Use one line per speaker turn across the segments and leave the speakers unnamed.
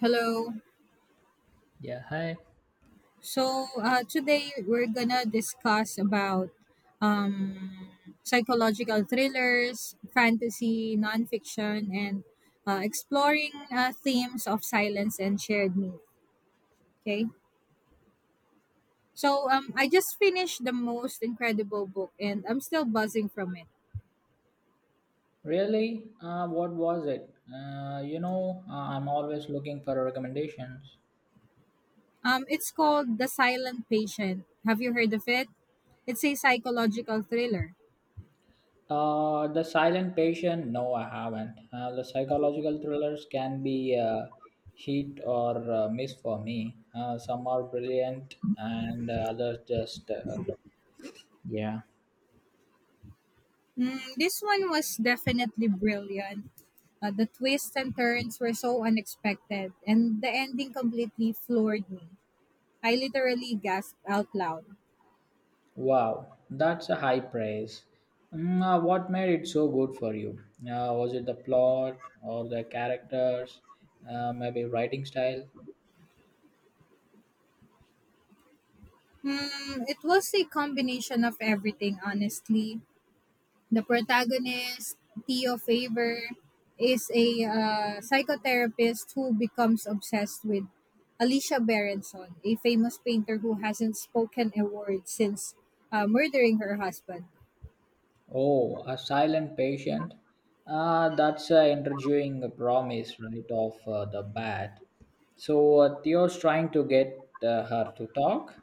Hello.
Yeah, hi.
So today we're gonna discuss about um, psychological thrillers, fantasy, nonfiction, and exploring themes of silence and shared myth. Okay. So I just finished the most incredible book, and I'm still buzzing from it.
Really? What was it? I'm always looking for recommendations.
It's called The Silent Patient. Have you heard of it? It's a psychological thriller.
The Silent Patient? No, I haven't. The psychological thrillers can be hit or miss for me. Some are brilliant, and others just, yeah.
Mm, this one was definitely brilliant. The twists and turns were so unexpected, and the ending completely floored me. I literally gasped out loud.
Wow, that's a high praise. What made it so good for you? Was it the plot or the characters? Maybe writing style?
Hmm, it was a combination of everything, honestly. The protagonist, Theo Favor, is a psychotherapist who becomes obsessed with Alicia Berenson, a famous painter who hasn't spoken a word since murdering her husband.
Oh, a silent patient. That's an intriguing promise right off the bat. So Theo's trying to get her to talk.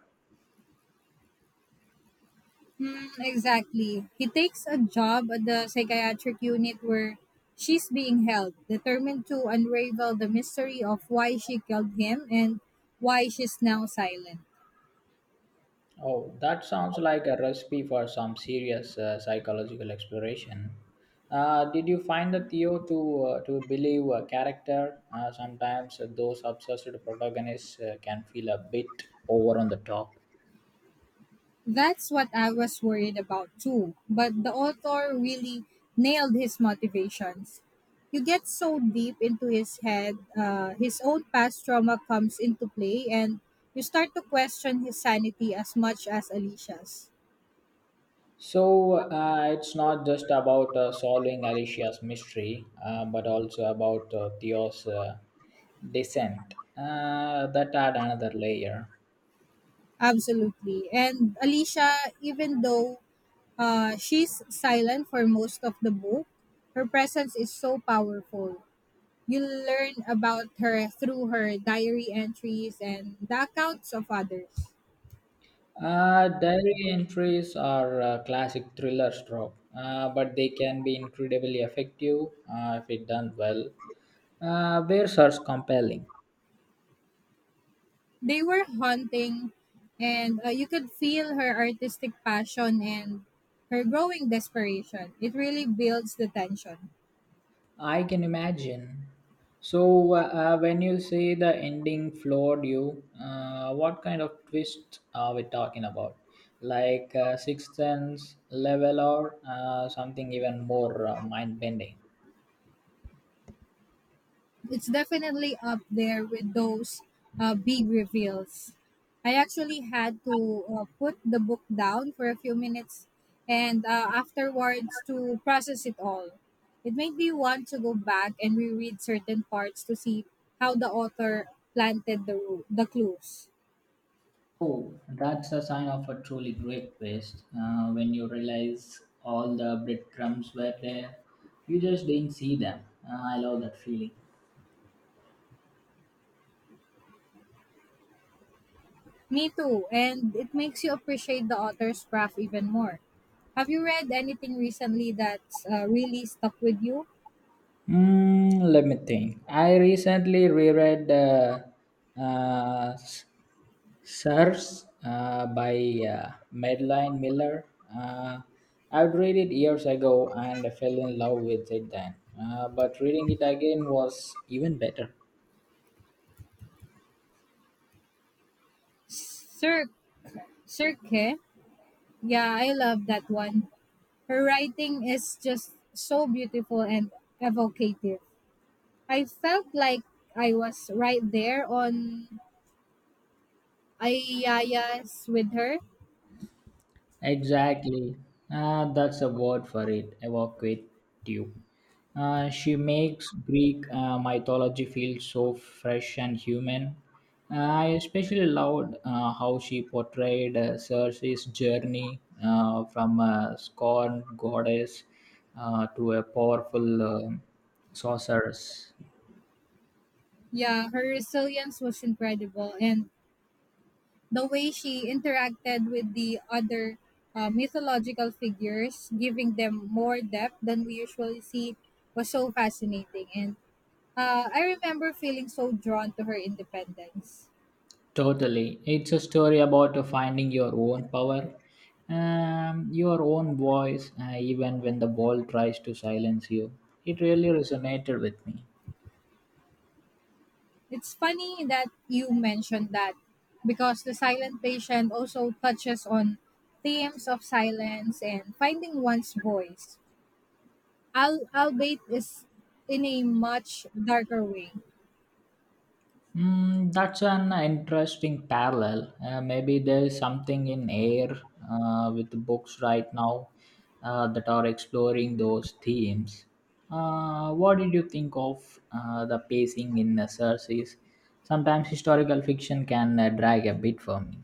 Hmm, exactly. He takes a job at the psychiatric unit where she's being held, determined to unravel the mystery of why she killed him and why she's now silent.
Oh, that sounds like a recipe for some serious psychological exploration. Did you find the Theo to believe a character? Sometimes those obsessed protagonists can feel a bit over on the top.
That's what I was worried about too, but the author really nailed his motivations. You get so deep into his head, his own past trauma comes into play, and you start to question his sanity as much as Alicia's.
So it's not just about solving Alicia's mystery, but also about Theo's descent. That add another layer.
Absolutely. And Alicia, even though she's silent for most of the book, her presence is so powerful. You learn about her through her diary entries and the accounts of others.
Diary entries are a classic thriller trope, but they can be incredibly effective if it done well. Where source compelling.
They were haunting, and you could feel her artistic passion and her growing desperation. It really builds the tension.
I can imagine. So, when you say the ending floored you, what kind of twist are we talking about? Like Sixth Sense level or something even more mind bending?
It's definitely up there with those big reveals. I actually had to put the book down for a few minutes and afterwards to process it all. It made me want to go back and reread certain parts to see how the author planted the clues.
Oh, that's a sign of a truly great twist. When you realize all the breadcrumbs were there, you just didn't see them. I love that feeling.
Me too, and it makes you appreciate the author's craft even more. Have you read anything recently that's really stuck with you?
Let me think. I recently reread S- Sirs by Madeline Miller. Uh, I'd read it years ago and I fell in love with it then. But reading it again was even better.
Sir, Sir. Yeah, I love that one. Her writing is just so beautiful and evocative. I felt like I was right there on Ayaya's with her.
Exactly. Ah, that's a word for it. Evocative. She makes Greek mythology feel so fresh and human. I especially loved how she portrayed Circe's journey from a scorned goddess to a powerful sorceress.
Yeah, her resilience was incredible, and the way she interacted with the other mythological figures, giving them more depth than we usually see, was so fascinating. And I remember feeling so drawn to her independence.
Totally. It's a story about finding your own power, your own voice, even when the world tries to silence you. It really resonated with me.
It's funny that you mentioned that because The Silent Patient also touches on themes of silence and finding one's voice, albeit is in a much darker way.
That's an interesting parallel. Maybe there's something in air with the books right now that are exploring those themes. What did you think of the pacing in the series? Sometimes historical fiction can drag a bit for me.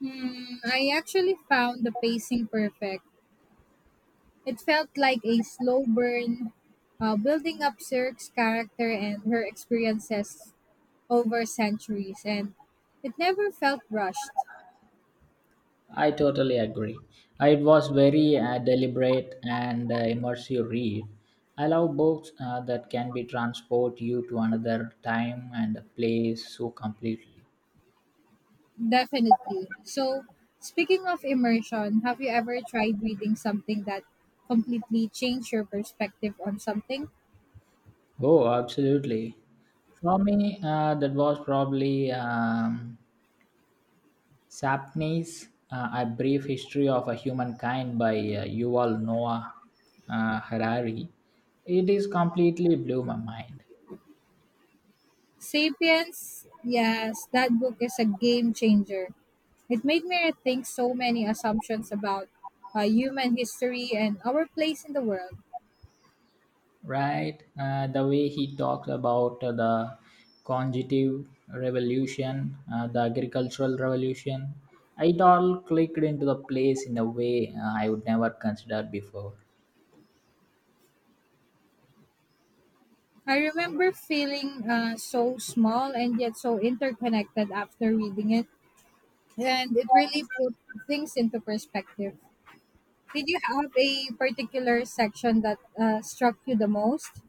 Hmm, I actually found the pacing perfect. It felt like a slow burn, building up Cirque's character and her experiences over centuries, and it never felt rushed.
I totally agree. It was very deliberate and immersive read. I love books that can be transport you to another time and a place so completely.
Definitely. So, speaking of immersion, have you ever tried reading something that completely changed your perspective on something?
Oh, absolutely. For me, that was probably Sapney's A Brief History of a Humankind by Yuval Noah Harari. It is completely blew my mind.
Sapiens, yes, that book is a game changer. It made me rethink so many assumptions about human history and our place in the world.
Right? The way he talks about the conjugative revolution, the agricultural revolution, it all clicked into the place in a way I would never consider before.
I remember feeling so small and yet so interconnected after reading it, and it really put things into perspective. Did you have a particular section that struck you the most?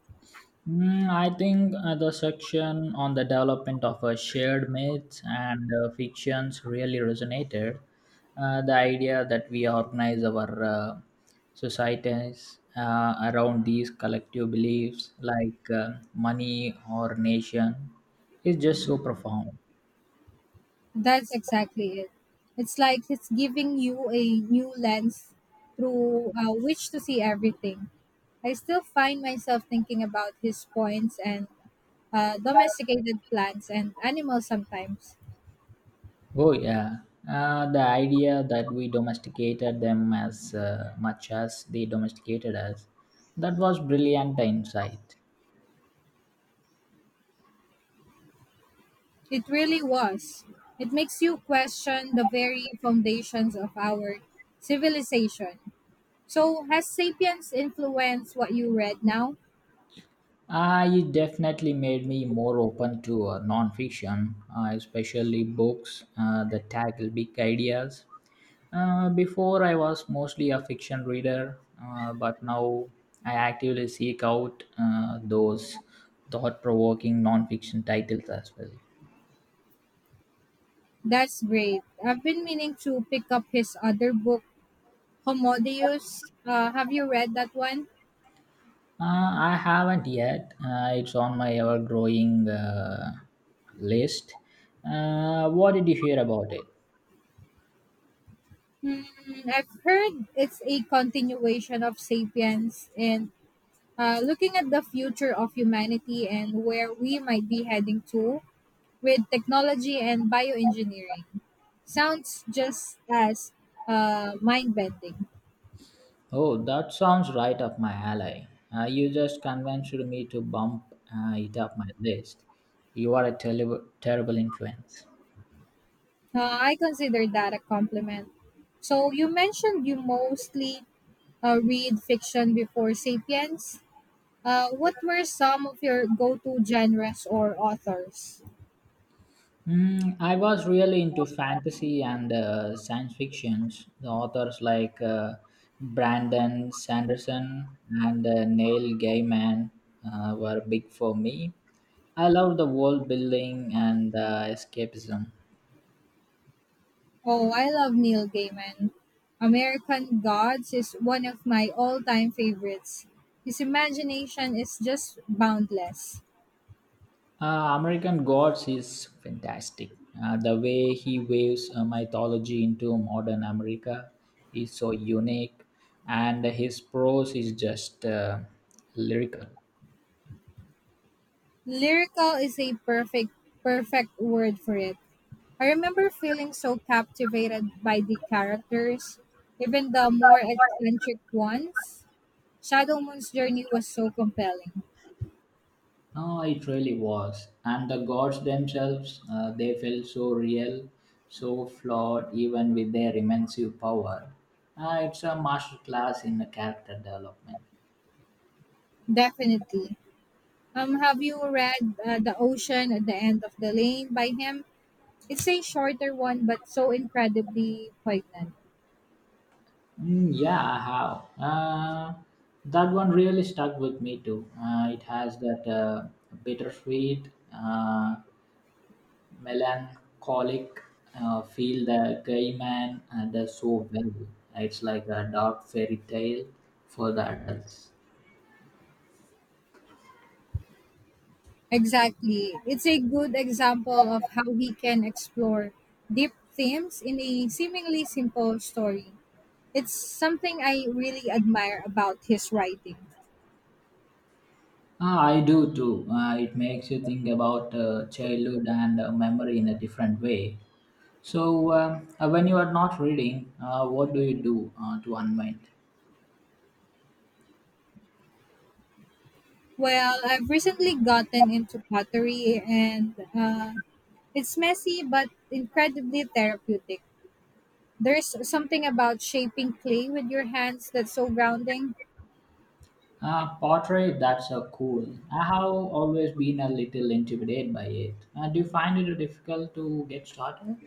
I think the section on the development of shared myths and fictions really resonated. The idea that we organize our societies around these collective beliefs, like money or nation, is just so profound.
That's exactly it. It's like it's giving you a new lens through which to see everything. I still find myself thinking about his points and domesticated plants and animals sometimes.
Oh, yeah. The idea that we domesticated them as much as they domesticated us, that was brilliant insight.
It really was. It makes you question the very foundations of our civilization. So, has Sapiens influenced what you read now?
It definitely made me more open to nonfiction, especially books that tackle big ideas. Before, I was mostly a fiction reader, but now I actively seek out those thought provoking nonfiction titles as well.
That's great. I've been meaning to pick up his other book, Homodeus. Have you read that one?
I haven't yet, it's on my ever growing list. What did you hear about it?
Hmm, I've heard it's a continuation of Sapiens and looking at the future of humanity and where we might be heading to with technology and bioengineering. Sounds just as mind bending.
Oh, that sounds right up my alley. You just convinced me to bump it up my list. You are a terrible, terrible influence.
I consider that a compliment. So, you mentioned you mostly read fiction before Sapiens. What were some of your go-to genres or authors?
I was really into fantasy and science fictions. The authors like Brandon Sanderson and Neil Gaiman were big for me. I love the world building and escapism.
Oh, I love Neil Gaiman. American Gods is one of my all-time favorites. His imagination is just boundless.
American Gods is fantastic. The way he waves mythology into modern America is so unique, and his prose is just lyrical.
Lyrical is a perfect word for it. I remember feeling so captivated by the characters, even the more eccentric ones. Shadow Moon's journey was so compelling.
No, it really was. And the gods themselves, they felt so real, so flawed, even with their immense power. It's a masterclass in character development.
Definitely. Have you read The Ocean at the End of the Lane by him? It's a shorter one, but so incredibly poignant.
Yeah, I have. That one really stuck with me too. It has that bittersweet, uh, melancholic feel that Gaiman does so well. It's like a dark fairy tale for the adults.
Exactly. It's a good example of how he can explore deep themes in a seemingly simple story. It's something I really admire about his writing.
Ah, I do too. It makes you think about childhood and memory in a different way. So, when you are not reading, what do you do to unwind?
Well, I've recently gotten into pottery, and it's messy but incredibly therapeutic. There's something about shaping clay with your hands that's so grounding.
Pottery, that's so cool. I have always been a little intimidated by it. Do you find it difficult to get started?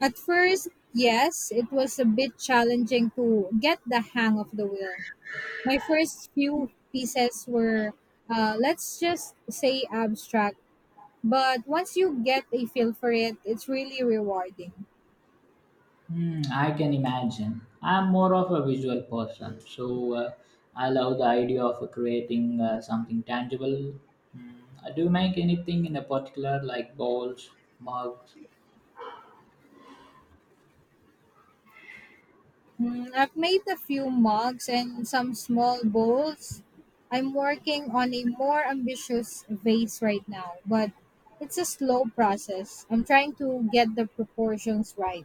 At first, yes, it was a bit challenging to get the hang of the wheel. My first few pieces were, let's just say, abstract. But once you get a feel for it, it's really rewarding.
Hmm, I can imagine. I'm more of a visual person, so I love the idea of creating something tangible. Hmm, do you make anything in a particular, like bowls, mugs?
Mm, I've made a few mugs and some small bowls. I'm working on a more ambitious vase right now, but it's a slow process. I'm trying to get the proportions right.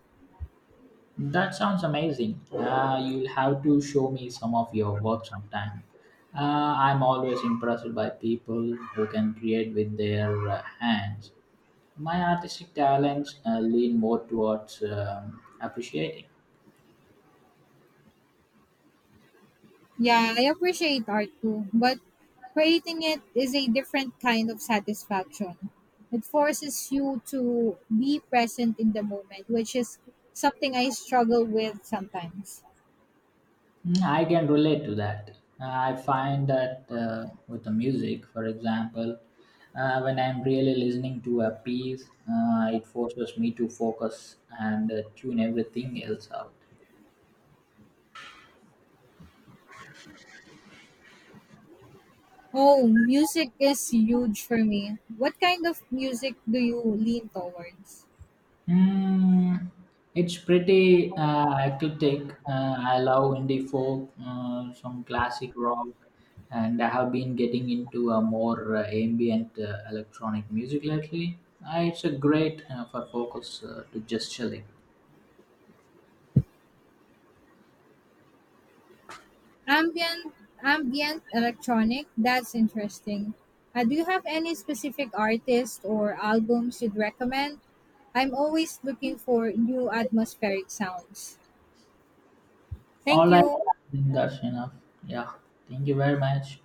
That sounds amazing. You'll have to show me some of your work sometime. I'm always impressed by people who can create with their hands. My artistic talents lean more towards appreciating.
Yeah, I appreciate art too, but creating it is a different kind of satisfaction. It forces you to be present in the moment, which is something I struggle with sometimes.
I can relate to that. I find that with the music, for example, when I'm really listening to a piece, it forces me to focus and tune everything else out.
Oh, music is huge for me. What kind of music do you lean towards?
Mm, it's pretty eclectic. I love indie folk, some classic rock, and I have been getting into a more ambient electronic music lately. It's a great for focus to just chilling.
Ambient, ambient electronic. That's interesting. Do you have any specific artists or albums you'd recommend? I'm always looking for new atmospheric sounds. Thank
All I
you.
think that's enough. Yeah, thank you very much.